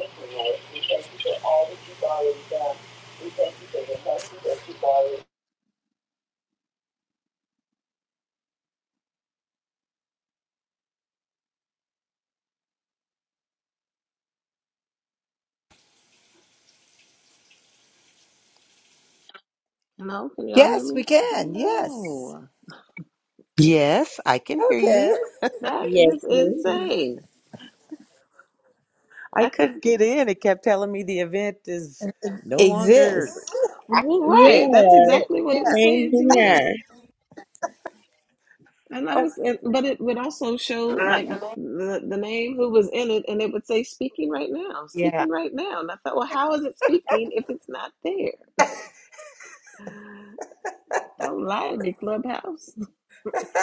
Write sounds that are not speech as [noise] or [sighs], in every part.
thank you, Lord. We thank you for all that you've already done. We thank you for the mercy that you've already Hello, can y'all hear Yes, we me? can. Yes. Hello. Yes, I can hear Okay. you. That is Yes, ma'am. insane. I I could, couldn't get in. It kept telling me the event is no longer. Exists. well, right. That's Yeah, exactly what it was same saying to here. me. And that was, and- but it would also show like the, the name who was in it, and it would say speaking right now, Yeah. speaking right now. And I thought, well, how is it speaking if it's not there? Don't lie to me, Clubhouse. [laughs] [laughs]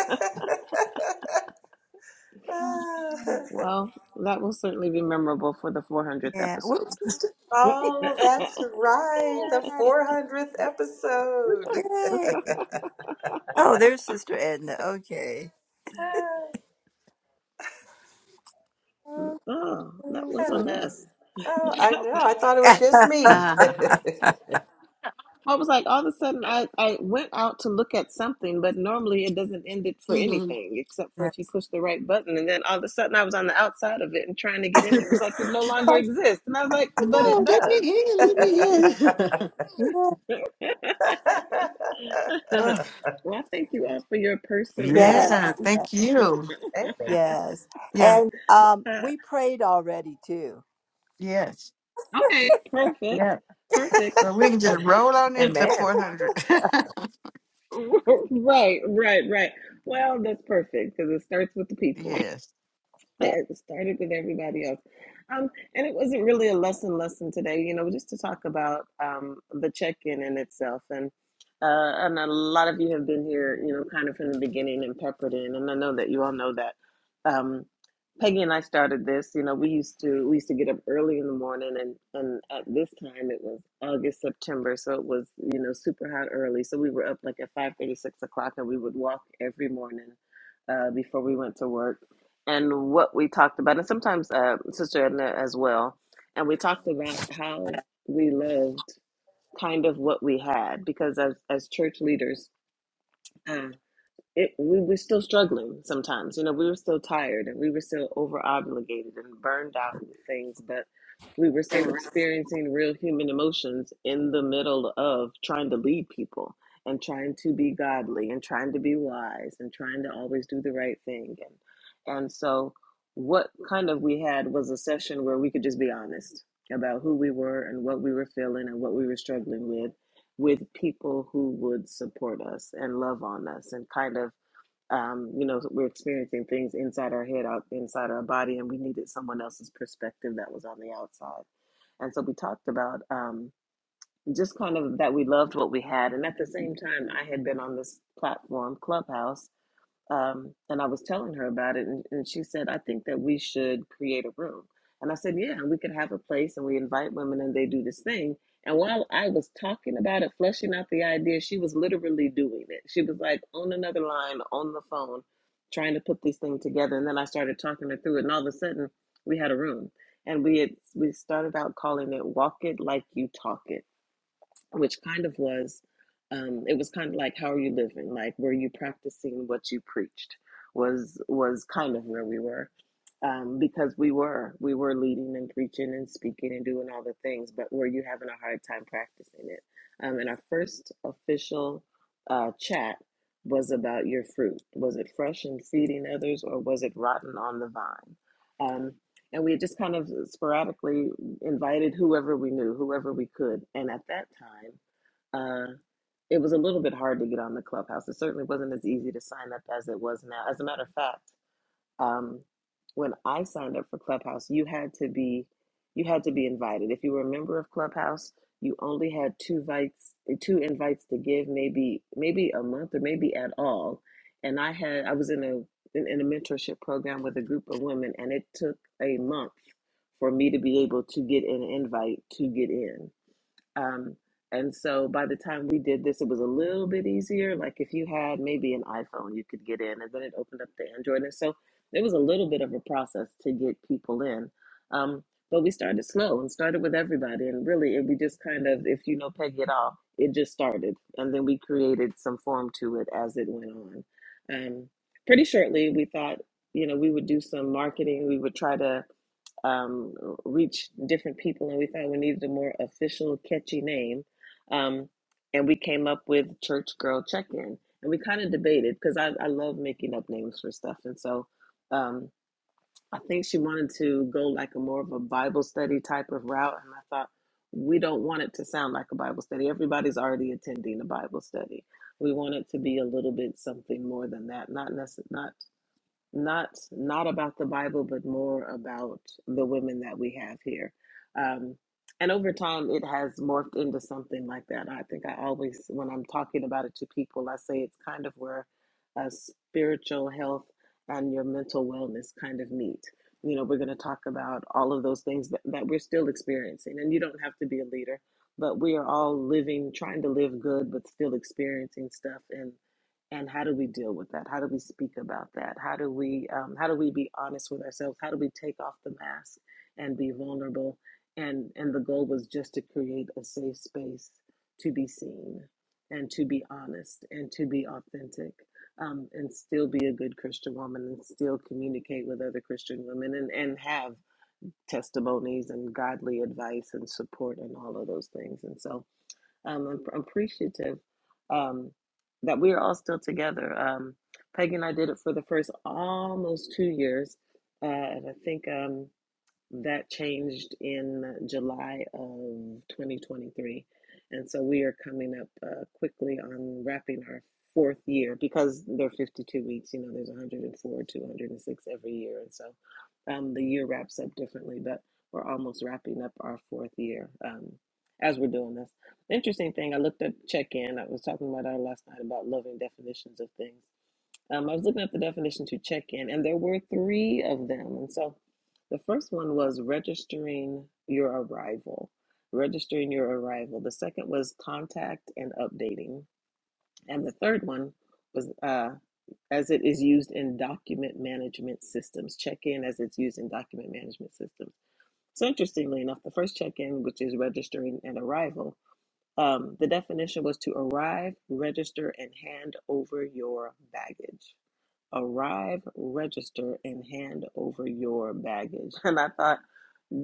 Well, that will certainly be memorable for the 400th Yeah. Where's episode. [laughs] Sister oh, that's right. The Edna? 400th episode. [sighs] Okay. Oh, there's Sister Edna. Okay. Ah, Okay, Oh, that was a what- Hello. mess. Oh, I know. I thought it was just [laughs] me. Ah, I was like, all of a sudden, I, I went out to look at something, but normally it doesn't end it for Mhm. anything except for if you push the right button. And then all of a sudden, I was on the outside of it and trying to get in. It was like it no longer oh, exists, and I was like, [laughs] but But it no, let me does. in. Let me [laughs] in. yeah, Ugh. Well, I thank you all for your [laughs] perseverance. yes, yeah, [laughs] thank you. Amen. yes. Yeah, And um Uh, we prayed already too. yes, okay, perfect, yeah. perfect. So we can [laughs] just roll on into Amen. 400. [laughs] [laughs] right, right, right. Well, that's perfect because it starts with the people. yes. [laughs] it started with everybody else. Um, and it wasn't really a lesson lesson today, you know, just to talk about um, the check-in in itself. And uh, and a lot of you have been here, you know, kind of from the beginning and peppered in. And I know that you all know that. Um, Peggy and I started this, you know, we used to we used to get up early in the morning and and at this time it was August, September, so it was, you know, super hot early. So we were up like at five thirty six o'clock and we would walk every morning uh, before we went to work and what we talked about, and sometimes uh, Sister Edna as well. And we talked about how we loved kind of what we had because as as church leaders. um, it we were still struggling sometimes you know we were still tired and we were still over obligated and burned out with things but we were still experiencing real human emotions in the middle of trying to lead people and trying to be godly and trying to be wise and trying to always do the right thing and and so what kind of we had was a session where we could just be honest about who we were and what we were feeling and what we were struggling with with people who would support us and love on us and kind of um, you know, so we're experiencing things inside our head, out inside our body, and we needed someone else's perspective that was on the outside. And so we talked about um, just kind of that we loved what we had, and at the same time, I had been on this platform, Clubhouse, um, and I was telling her about it, and, and she said, I think that we should create a room. And I said, Yeah, we could have a place and we invite women and they do this thing. And while I was talking about it, fleshing out the idea, she was literally doing it. She was like on another line on the phone, trying to put this thing together. And then I started talking her through it, and all of a sudden we had a room. And we had we started out calling it Walk It Like You Talk It which kind of was um, it was kind of like how are you living like were you practicing what you preached was was kind of where we were um, because we were we were leading and preaching and speaking and doing all the things but were you having a hard time practicing it um, and our first official uh, chat was about your fruit was it fresh and feeding others or was it rotten on the vine um, and we just kind of sporadically invited whoever we knew, whoever we could. And at that time, uh, it was a little bit hard to get on the clubhouse. It certainly wasn't as easy to sign up as it was now. As a matter of fact, um, when I signed up for Clubhouse, you had to be you had to be invited. If you were a member of Clubhouse, you only had two invites two invites to give, maybe maybe a month or maybe at all. And I had I was in a in, in a mentorship program with a group of women, and it took a month for me to be able to get an invite to get in. Um, and so by the time we did this, it was a little bit easier. Like if you had maybe an iPhone, you could get in, and then it opened up the Android. And so it was a little bit of a process to get people in. Um, but we started slow and started with everybody. And really, it, we just kind of, if you know Peggy at all, it just started. And then we created some form to it as it went on. Um, pretty shortly, we thought, you know, we would do some marketing. We would try to um, reach different people, and we found we needed a more official, catchy name. Um, and we came up with Church Girl Check In. And we kind of debated because I, I love making up names for stuff. And so um, I think she wanted to go like a more of a Bible study type of route. And I thought, we don't want it to sound like a Bible study. Everybody's already attending a Bible study. We want it to be a little bit something more than that, not necessarily. not not not about the Bible, but more about the women that we have here. Um, and over time, it has morphed into something like that. I think I always, when I'm talking about it to people, I say it's kind of where uh, spiritual health and your mental wellness kind of meet. You know, we're going to talk about all of those things that, that we're still experiencing. And you don't have to be a leader, but we are all living, trying to live good, but still experiencing stuff. and and how do we deal with that how do we speak about that how do we um, how do we be honest with ourselves how do we take off the mask and be vulnerable and and the goal was just to create a safe space to be seen and to be honest and to be authentic um, and still be a good christian woman and still communicate with other christian women and and have testimonies and godly advice and support and all of those things and so um, I'm, I'm appreciative um, that we are all still together. Um, Peggy and I did it for the first almost two years, uh, and I think. Um, that changed in July of 2023. And so we are coming up uh, quickly on wrapping our fourth year because they're 52 weeks. You know, there's 104, 206 every year. And so um, the year wraps up differently, but we're almost wrapping up our fourth year um, as we're doing this. Interesting thing, I looked up check in. I was talking about our last night about loving definitions of things. Um, I was looking up the definition to check in, and there were three of them. And so the first one was registering your arrival, registering your arrival. The second was contact and updating. And the third one was uh, as it is used in document management systems, check in as it's used in document management systems. So interestingly enough, the first check in, which is registering an arrival, um, the definition was to arrive, register, and hand over your baggage. Arrive, register, and hand over your baggage. And I thought,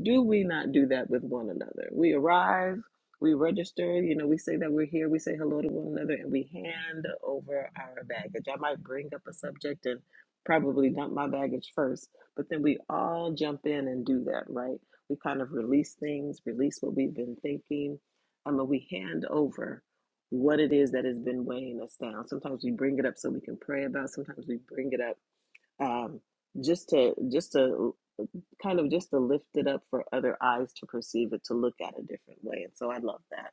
do we not do that with one another? We arrive, we register, you know, we say that we're here, we say hello to one another, and we hand over our baggage. I might bring up a subject and probably dump my baggage first, but then we all jump in and do that, right? We kind of release things, release what we've been thinking, um, and then we hand over what it is that has been weighing us down. Sometimes we bring it up so we can pray about, sometimes we bring it up um, just to just to kind of just to lift it up for other eyes to perceive it, to look at a different way. And so I love that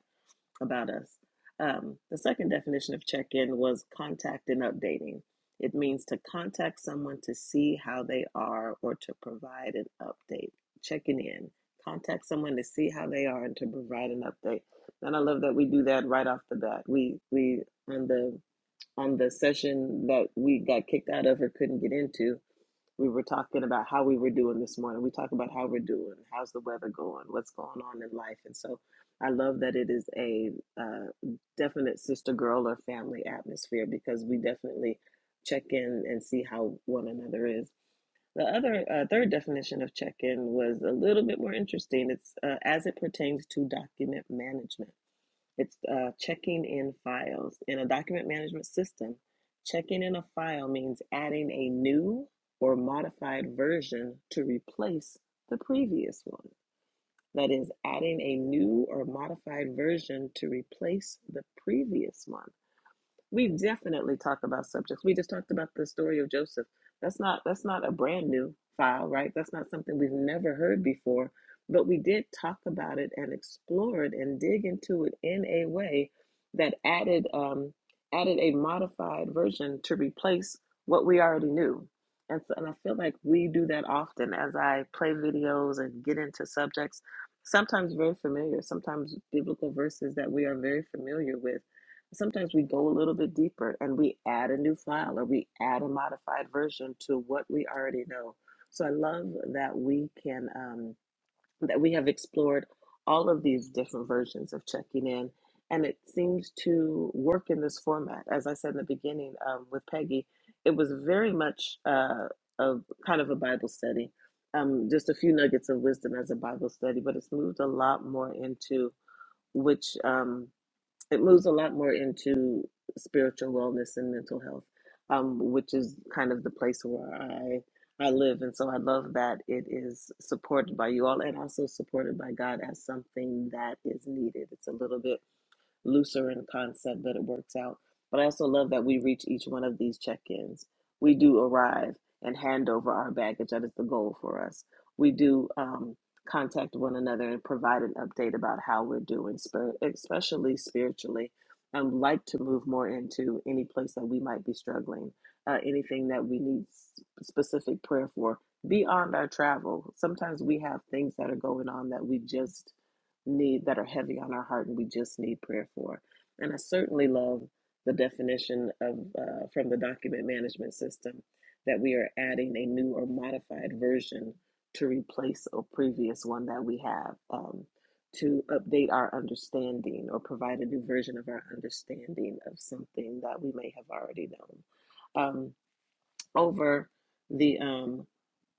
about us. Um, the second definition of check in was contact and updating. It means to contact someone to see how they are or to provide an update. Checking in, contact someone to see how they are and to provide an update. And I love that we do that right off the bat. We we on the on the session that we got kicked out of or couldn't get into, we were talking about how we were doing this morning. We talk about how we're doing, how's the weather going, what's going on in life. And so I love that it is a uh, definite sister girl or family atmosphere because we definitely check in and see how one another is. The other uh, third definition of check in was a little bit more interesting. It's uh, as it pertains to document management. It's uh, checking in files. In a document management system, checking in a file means adding a new or modified version to replace the previous one. That is, adding a new or modified version to replace the previous one. We definitely talk about subjects. We just talked about the story of Joseph. That's not that's not a brand new file, right? That's not something we've never heard before, but we did talk about it and explore it and dig into it in a way that added um, added a modified version to replace what we already knew. And so, and I feel like we do that often as I play videos and get into subjects, sometimes very familiar, sometimes biblical verses that we are very familiar with Sometimes we go a little bit deeper and we add a new file or we add a modified version to what we already know. So I love that we can um, that we have explored all of these different versions of checking in, and it seems to work in this format. As I said in the beginning um, with Peggy, it was very much uh, a kind of a Bible study, um, just a few nuggets of wisdom as a Bible study, but it's moved a lot more into which. Um, it moves a lot more into spiritual wellness and mental health, um, which is kind of the place where I I live, and so I love that it is supported by you all and also supported by God as something that is needed. It's a little bit looser in concept that it works out. But I also love that we reach each one of these check ins. We do arrive and hand over our baggage. That is the goal for us. We do um, contact one another and provide an update about how we're doing, especially spiritually. I'd like to move more into any place that we might be struggling, uh, anything that we need specific prayer for beyond our travel. Sometimes we have things that are going on that we just need that are heavy on our heart and we just need prayer for. And I certainly love the definition of uh, from the document management system that we are adding a new or modified version to replace a previous one that we have um, to update our understanding or provide a new version of our understanding of something that we may have already known. Um, over the um,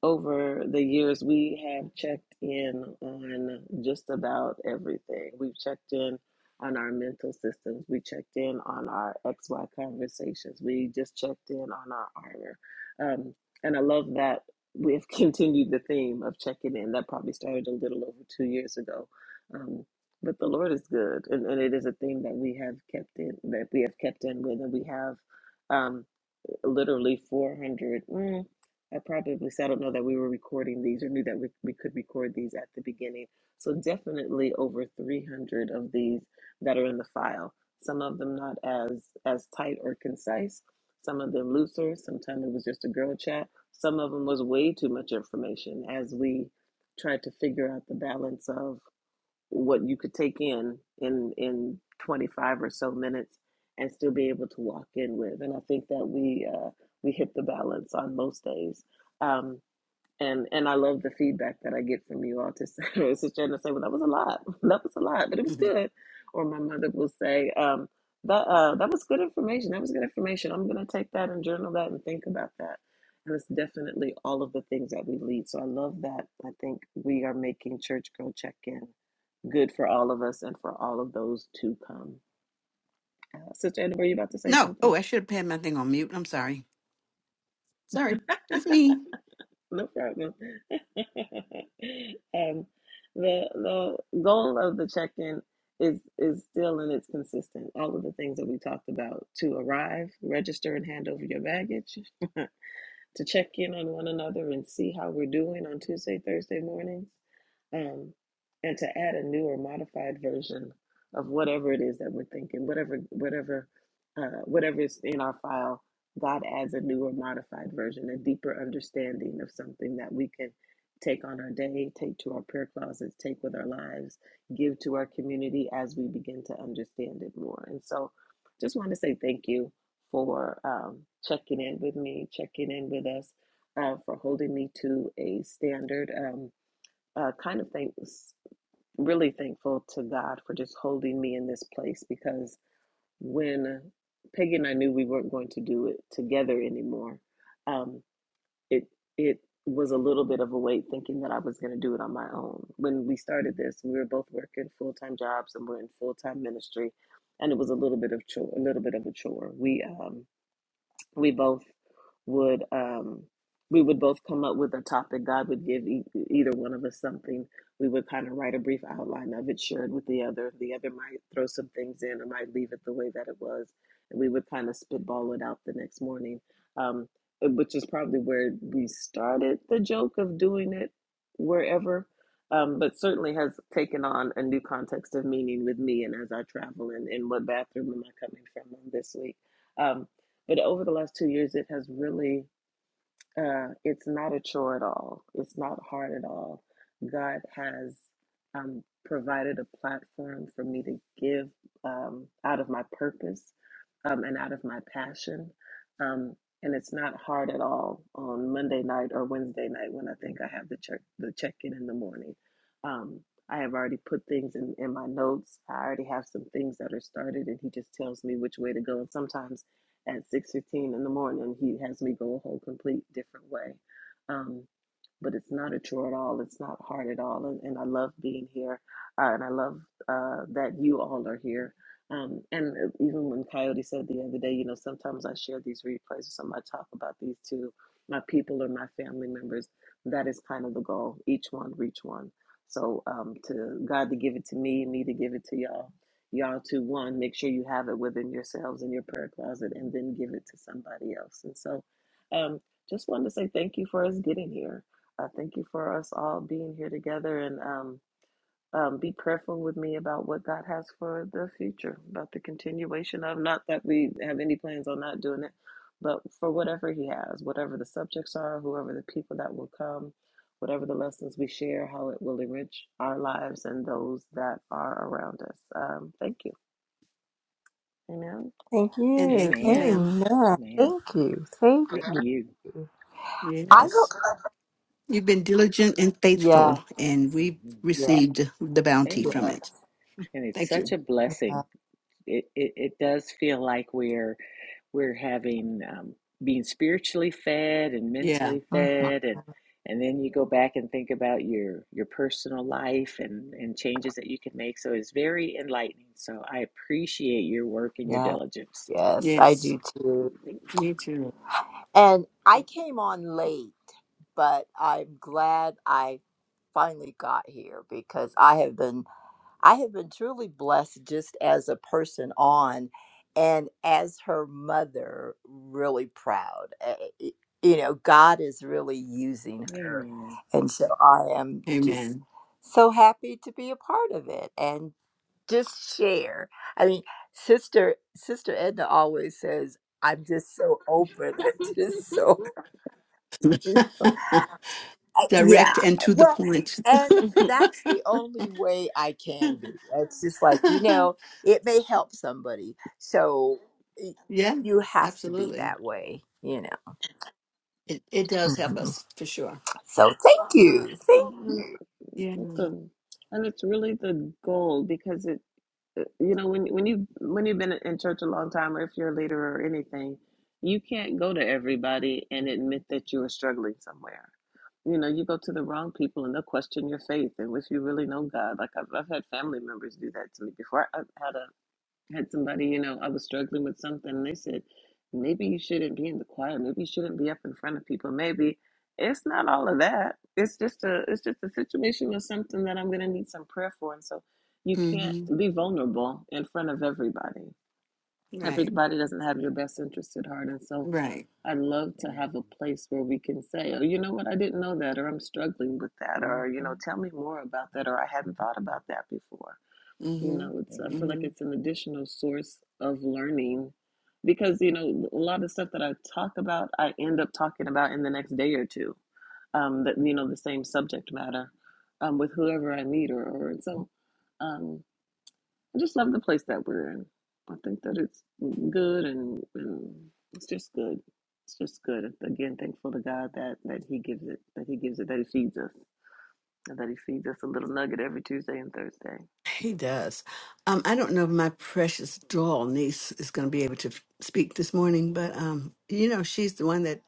over the years, we have checked in on just about everything. We've checked in on our mental systems. We checked in on our XY conversations. We just checked in on our armor. Um, and I love that we've [laughs] continued the theme of checking in. That probably started a little over two years ago. Um, but the Lord is good. And, and it is a theme that we have kept in, that we have kept in with, and we have. Um, literally 400. Mm, I probably said, I don't know that we were recording these or knew that we, we could record these at the beginning. So definitely over 300 of these that are in the file. Some of them not as as tight or concise. Some of them looser. Sometimes it was just a girl chat. Some of them was way too much information as we tried to figure out the balance of what you could take in in in 25 or so minutes and still be able to walk in with and i think that we uh, we hit the balance on most days um, and and i love the feedback that i get from you all to say [laughs] sister Anna say well that was a lot [laughs] that was a lot but it was Mhm. good or my mother will say um, that uh, that was good information that was good information i'm going to take that and journal that and think about that and it's definitely all of the things that we lead so i love that i think we are making church girl check in good for all of us and for all of those to come. Uh, Sister Edna, were you about to say no. something? Oh, I should have had my thing on mute. I'm sorry. Sorry. It's me. No problem. [laughs] um, the the goal of the check in is is still and it's consistent. All of the things that we talked about to arrive, register, and hand over your baggage, [laughs] to check in on one another and see how we're doing on Tuesday, Thursday mornings, um, and to add a new or modified version of whatever it is that we're thinking, whatever, whatever, uh, whatever is in our file. God adds a new or modified version, a deeper understanding of something that we can take on our day, take to our prayer closets, take with our lives, give to our community as we begin to understand it more. And so, just want to say thank you for um, checking in with me, checking in with us, uh, for holding me to a standard. Um, uh, kind of thanks, really thankful to God for just holding me in this place because when Peggy and I knew we weren't going to do it together anymore, um, it it was a little bit of a weight thinking that I was going to do it on my own. When we started this, we were both working full time jobs and we're in full time ministry, and it was a little bit of chore, a little bit of a chore. We um, we both would um we would both come up with a topic god would give e- either one of us something we would kind of write a brief outline of it share it with the other the other might throw some things in or might leave it the way that it was and we would kind of spitball it out the next morning um which is probably where we started the joke of doing it wherever um, but certainly has taken on a new context of meaning with me and as I travel and, and what bathroom am I coming from on this week. Um, but over the last two years, it has really, uh, it's not a chore at all. It's not hard at all. God has um, provided a platform for me to give um, out of my purpose um, and out of my passion. Um, and it's not hard at all on Monday night or Wednesday night when I think I have the check the check in in the morning. Um, I have already put things in, in my notes. I already have some things that are started, and he just tells me which way to go. And sometimes at 6.15 in the morning he has me go a whole complete different way um, but it's not a chore at all. It's not hard at all. And, and I love being here. Uh, and I love uh, that you all are here. Um, and uh, even when Coyote said the other day, you know, sometimes I share these replays with somebody. I talk about these to my people or my family members. That is kind of the goal. Each one, reach one. So um, to God to give it to me, me to give it to y'all. Y'all to one, make sure you have it within yourselves in your prayer closet and then give it to somebody else. And so um, just wanted to say thank you for us getting here I thank you for us all being here together and um, um, be prayerful with me about what God has for the future, about the continuation of, not that we have any plans on not doing it, but for whatever He has, whatever the subjects are, whoever the people that will come, whatever the lessons we share, how it will enrich our lives and those that are around us. Um, thank you. Amen. Thank And you. thank you, Amen. ma'am. Amen. Amen. Thank you. Thank Y- Thank you. you. I go Yes. You've been diligent and faithful, Yes, and we Mhm. yes, received the bounty from Amen. yes. it. And it's Thank such you. a Uh, blessing. It, it, it does feel like we're we're having um, being spiritually fed and Yeah. mentally mhm. fed and and then you go back and think about your your personal life and and changes that you can make. So it's very enlightening. So I appreciate your work and your Yes. diligence. Yes, I Yes. do too. Me too. And I came on late, but I'm glad I finally got here because I have been I have been truly blessed just as a person on and as her mother really proud. Uh, y- You know, God is really using her. Amen. And so I am just Amen. so happy to be a part of it and just share. I mean, sister sister Edna always says I'm just so open. [laughs] I'm just so [laughs] yeah direct and to the well point. and that's the only way i can be it's just like you know it may help somebody so y- [laughs] yeah, you have to be absolutely. that way you know It it does help Mhm. us for sure. so thank you thank you. [laughs] Yeah. Welcome. And it's really the goal because it you know when when you when you've been in church a long time or if you're a leader or anything you can't go to everybody and admit that you are struggling somewhere you know you go to the wrong people and they'll question your faith and if you really know god like i've, I've had family members do that to me before i had a had somebody, you know, I was struggling with something, and they said, maybe you shouldn't be in the choir, maybe you shouldn't be up in front of people, maybe it's not all of that. It's just a it's just a situation or something that I'm gonna need some prayer for. And so you can't hmm be vulnerable in front of everybody. Right. Everybody doesn't have your best interest at heart. And so Right. I would love to have a Amen. place where we can say, Oh, you know what, I didn't know that or I'm struggling with that or, you hmm know, tell me more about that or I hadn't thought about that before you Mm. know it's i feel Amen. like hmm it's an additional source of learning because you know a lot of stuff that i talk about i end up talking about in the next day or two um that you know the same subject matter um with whoever i meet or, or and so um i just love the place that we're in i think that it's good and, and it's just good it's just good again thankful to god that that he gives it that he gives it that he feeds us and that he feeds us a little nugget every tuesday and thursday He does. Um, I don't know if my precious doll niece is going to be able to f- speak this morning, but um, you know, she's the one that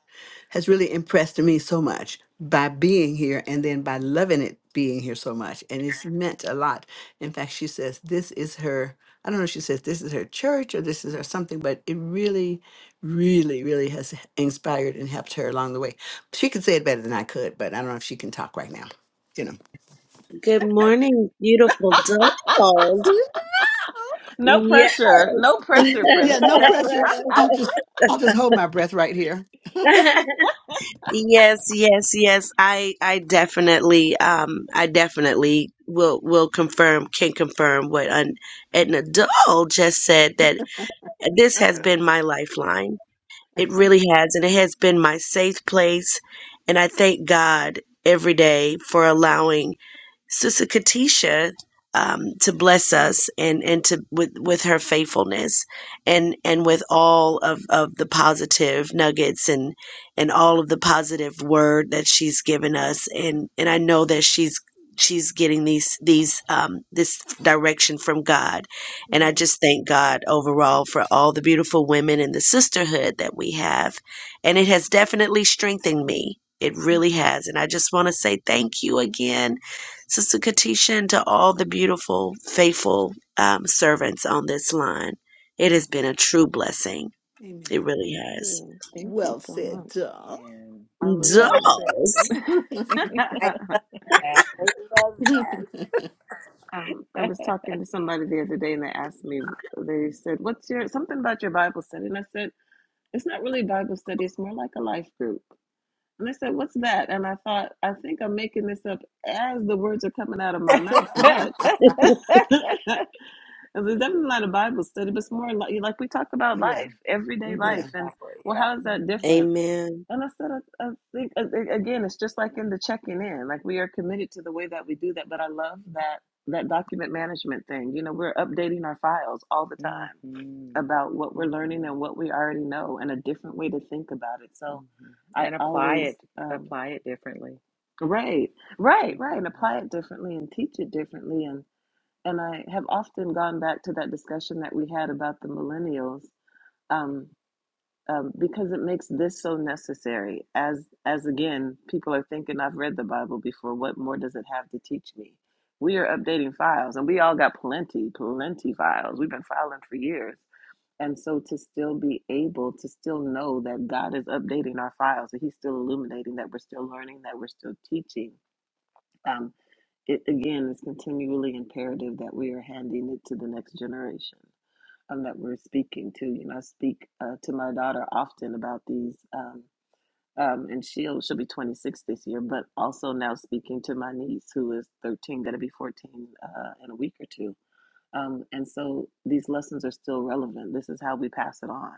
has really impressed me so much by being here and then by loving it being here so much. And it's meant a lot. In fact, she says this is her, I don't know if she says this is her church or this is her something, but it really, really, really has inspired and helped her along the way. She could say it better than I could, but I don't know if she can talk right now, you Good morning, beautiful dolls. know. [laughs] no Yes. pressure. No pressure, Yeah, princess. no [laughs] Thank pressure. I'll just I'll just hold my breath right here. [laughs] Yes, yes, yes. I I definitely um I definitely will will confirm can confirm what an an adult just said that this has been my lifeline It really has, and it has been my safe place. And I thank God every day for allowing Sister Katisha um, to bless us and and to with with her faithfulness and and with all of of the positive nuggets and and all of the positive word that she's given us and and I know that she's she's getting these these um this direction from God and I Amen. just thank God overall for all the beautiful women and the sisterhood that we have. And it has definitely strengthened me. It really has. And I just want to say thank you again, Sister Katisha, and to all the beautiful, faithful um, servants on this line. It has been a true blessing. It Amen. really has. you. Thank you Well so said, much. duh. I was Well um said. Dolls. [laughs] [laughs] I, I love that um I was talking to somebody the other day and they asked me they said, What's your something about your Bible study? And I said, It's not really Bible study, it's more like a life group. And they said, What's that? And I thought, I think I'm making this up as the words are coming out of my mouth, but [laughs] [laughs] Because it's definitely not a Bible study, but it's more like, like we talk about yeah, life, everyday life. yeah. And exactly well, yeah how is that hmm different? Amen. And I said, I, I think, a- again, it's just like in the checking in, like we are committed to the way that we do that. But I love that that document management thing. You know, we're updating our files all the hmm time hmm about what we're learning and hmm what we already know and a different way to think about it. So I And apply it, always, um, Upley. right, right, right. And apply it differently and teach it differently. and and I have often gone back to that discussion that we had about the millennials um, um, because it makes this so necessary. As as again, people are thinking, I've read the Bible before. What more does it have to teach me? We are updating files, and we all got plenty, plenty files. We've been filing for years, and so to still be able to still know that God is updating our files, that He's still illuminating, that we're still learning, that we're still teaching. um, it again is continually imperative that we are handing it to the next generation um, that we're speaking to. You know, I speak uh, to my daughter often about these, um, um, and she'll she'll be 26 this year, but also now speaking to my niece who is 13, going to be 14 uh, in a week or two. Um, and so these lessons are still relevant. This is how we pass it on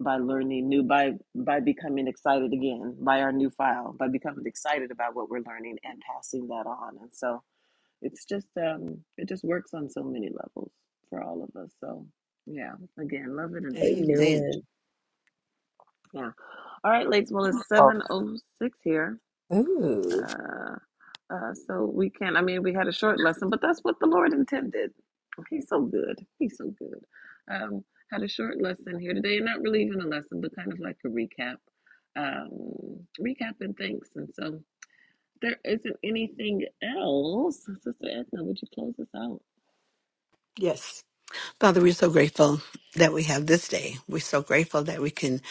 by learning new by by becoming excited again by our new file by becoming excited about what we're learning and passing that on and so it's just um it just works on so many levels for all of us so yeah again love it and thank you Amen. Amen. yeah all right ladies well it's oh 706 here ooh uh uh so we can i mean we had a short lesson but that's what the lord intended he's so good he's so good um had a short lesson here today not really even a lesson but kind of like a recap um recap and thanks and so there isn't anything else sister edna would you close us out Yes. Father, we're so grateful that we have this day. We're so grateful that we can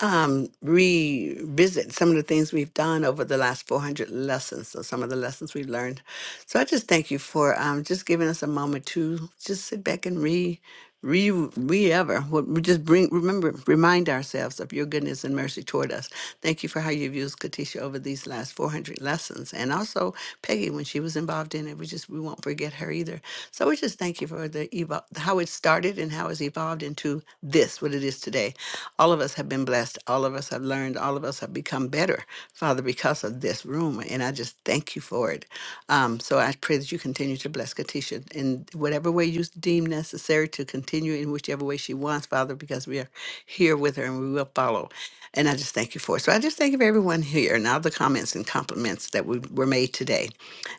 um, revisit some of the things we've done over the last 400 lessons. So, some of the lessons we've learned. So, I just thank you for um, just giving us a moment to just sit back and re, re, re ever. what- We just bring, remember, remind ourselves of your goodness and mercy toward us. Thank you for how you've used Katisha over these last 400 lessons. And also Peggy, when she was involved in it, we just, we won't forget her either. So, we just thank you for the evo- how it started and how it's evolved into this, what it is today. All of us have been blessed. All of us have learned. All of us have become better, Father, because of this room. And I just thank you for it. Um, so I pray that you continue to bless Katisha in whatever way you deem necessary to continue in whichever way she wants, Father, because we are here with her and we will follow. And I just thank you for it. So I just thank you for everyone here and all the comments and compliments that we were made today.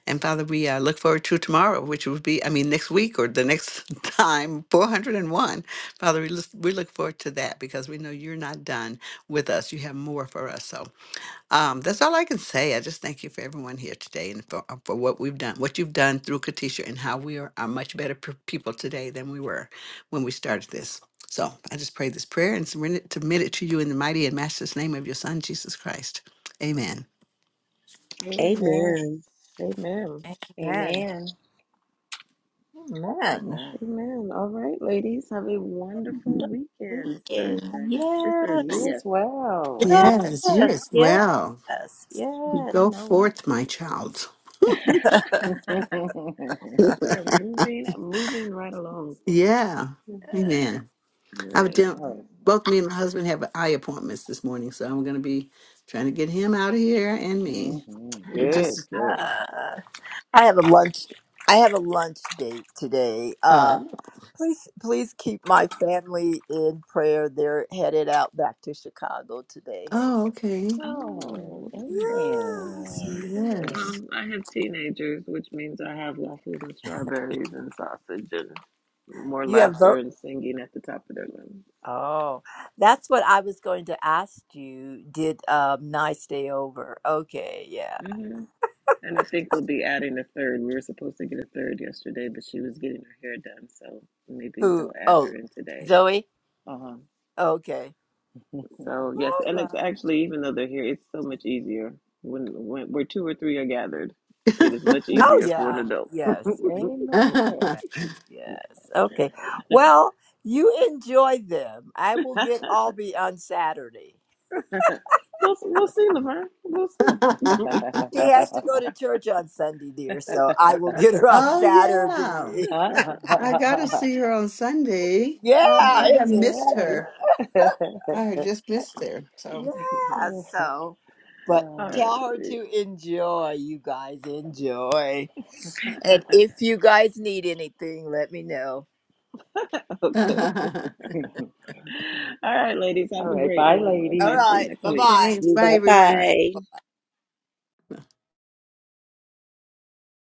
And Father, we uh, look forward to tomorrow, which would be, I mean, next week or the next [laughs] time, 401. Father, we, look we look forward to that because we know you're not done with us. You have more for us. So um, that's all I can say. I just thank you for everyone here today and for, uh, for what we've done, what you've done through Katisha and how we are, are much better p- people today than we were when we started this. So I just pray this prayer and submit it, submit it to you in the mighty and matchless name of your son, Jesus Christ. Amen. Amen. Amen. Amen. amen Amen. amen Amen. Amen. All right, ladies, have a wonderful weekend. It's weekend Thursday. It's Thursday. yes You as Yes. well. yes Amen. Yes, you as well. yes yes You Go know, forth, my child. [laughs] yes [laughs] [laughs] we are moving, moving right along. Yeah. [laughs] Amen. All I would right. tell alright both me and my husband have eye appointments this morning, so I'm gonna be trying to get him out of here and me. Mm-hmm. We're Uh, Good, just good. I have a lunch. I have a lunch date today. Uh, uh please, please keep my family in prayer. They're headed out back to Chicago today. So oh okay. Oh, Oh, that's right. All yes, amen. right. Amen. Yes. Um, I have teenagers, which means I have waffles and strawberries and sausage and more you have laughter vote. and singing at the top of their lungs. Oh, that's what I was going to ask you. Did um, nice stay over? Okay, yeah. Mm-hmm. And I think we'll be adding a third. We were supposed to get a third yesterday, but she was getting her hair done, so maybe Who? they'll add Oh, her in today. Zoe. Um, Okay. so yes, All and it's right. actually even though they're here, it's so much easier when when where two or three are gathered. It is much [laughs] Oh easier for an yeah. adult. [laughs] Yes. yeah. Amen. Yes. Okay. Well, you enjoy them. I will get Albie on Saturday. we'll we'll see, Laverne. We'll see. She has to go to church on Sunday, dear, so I will get her on oh yeah. Saturday. [laughs] I gotta see [laughs] her on Sunday. Yeah, ah, I have it's a missed Saturday. yes. her. [laughs] I have just missed her. So Yeah, so, but All Um, tell her to enjoy. You guys enjoy. right. And [laughs] if you guys need anything, let me know. [laughs] okay. thanks. [laughs] All right, ladies. All Have a right. great Bye, one. We'll All talk ladies. to you right. next Bye week. bye. Bye Bye everyone. Bye. bye.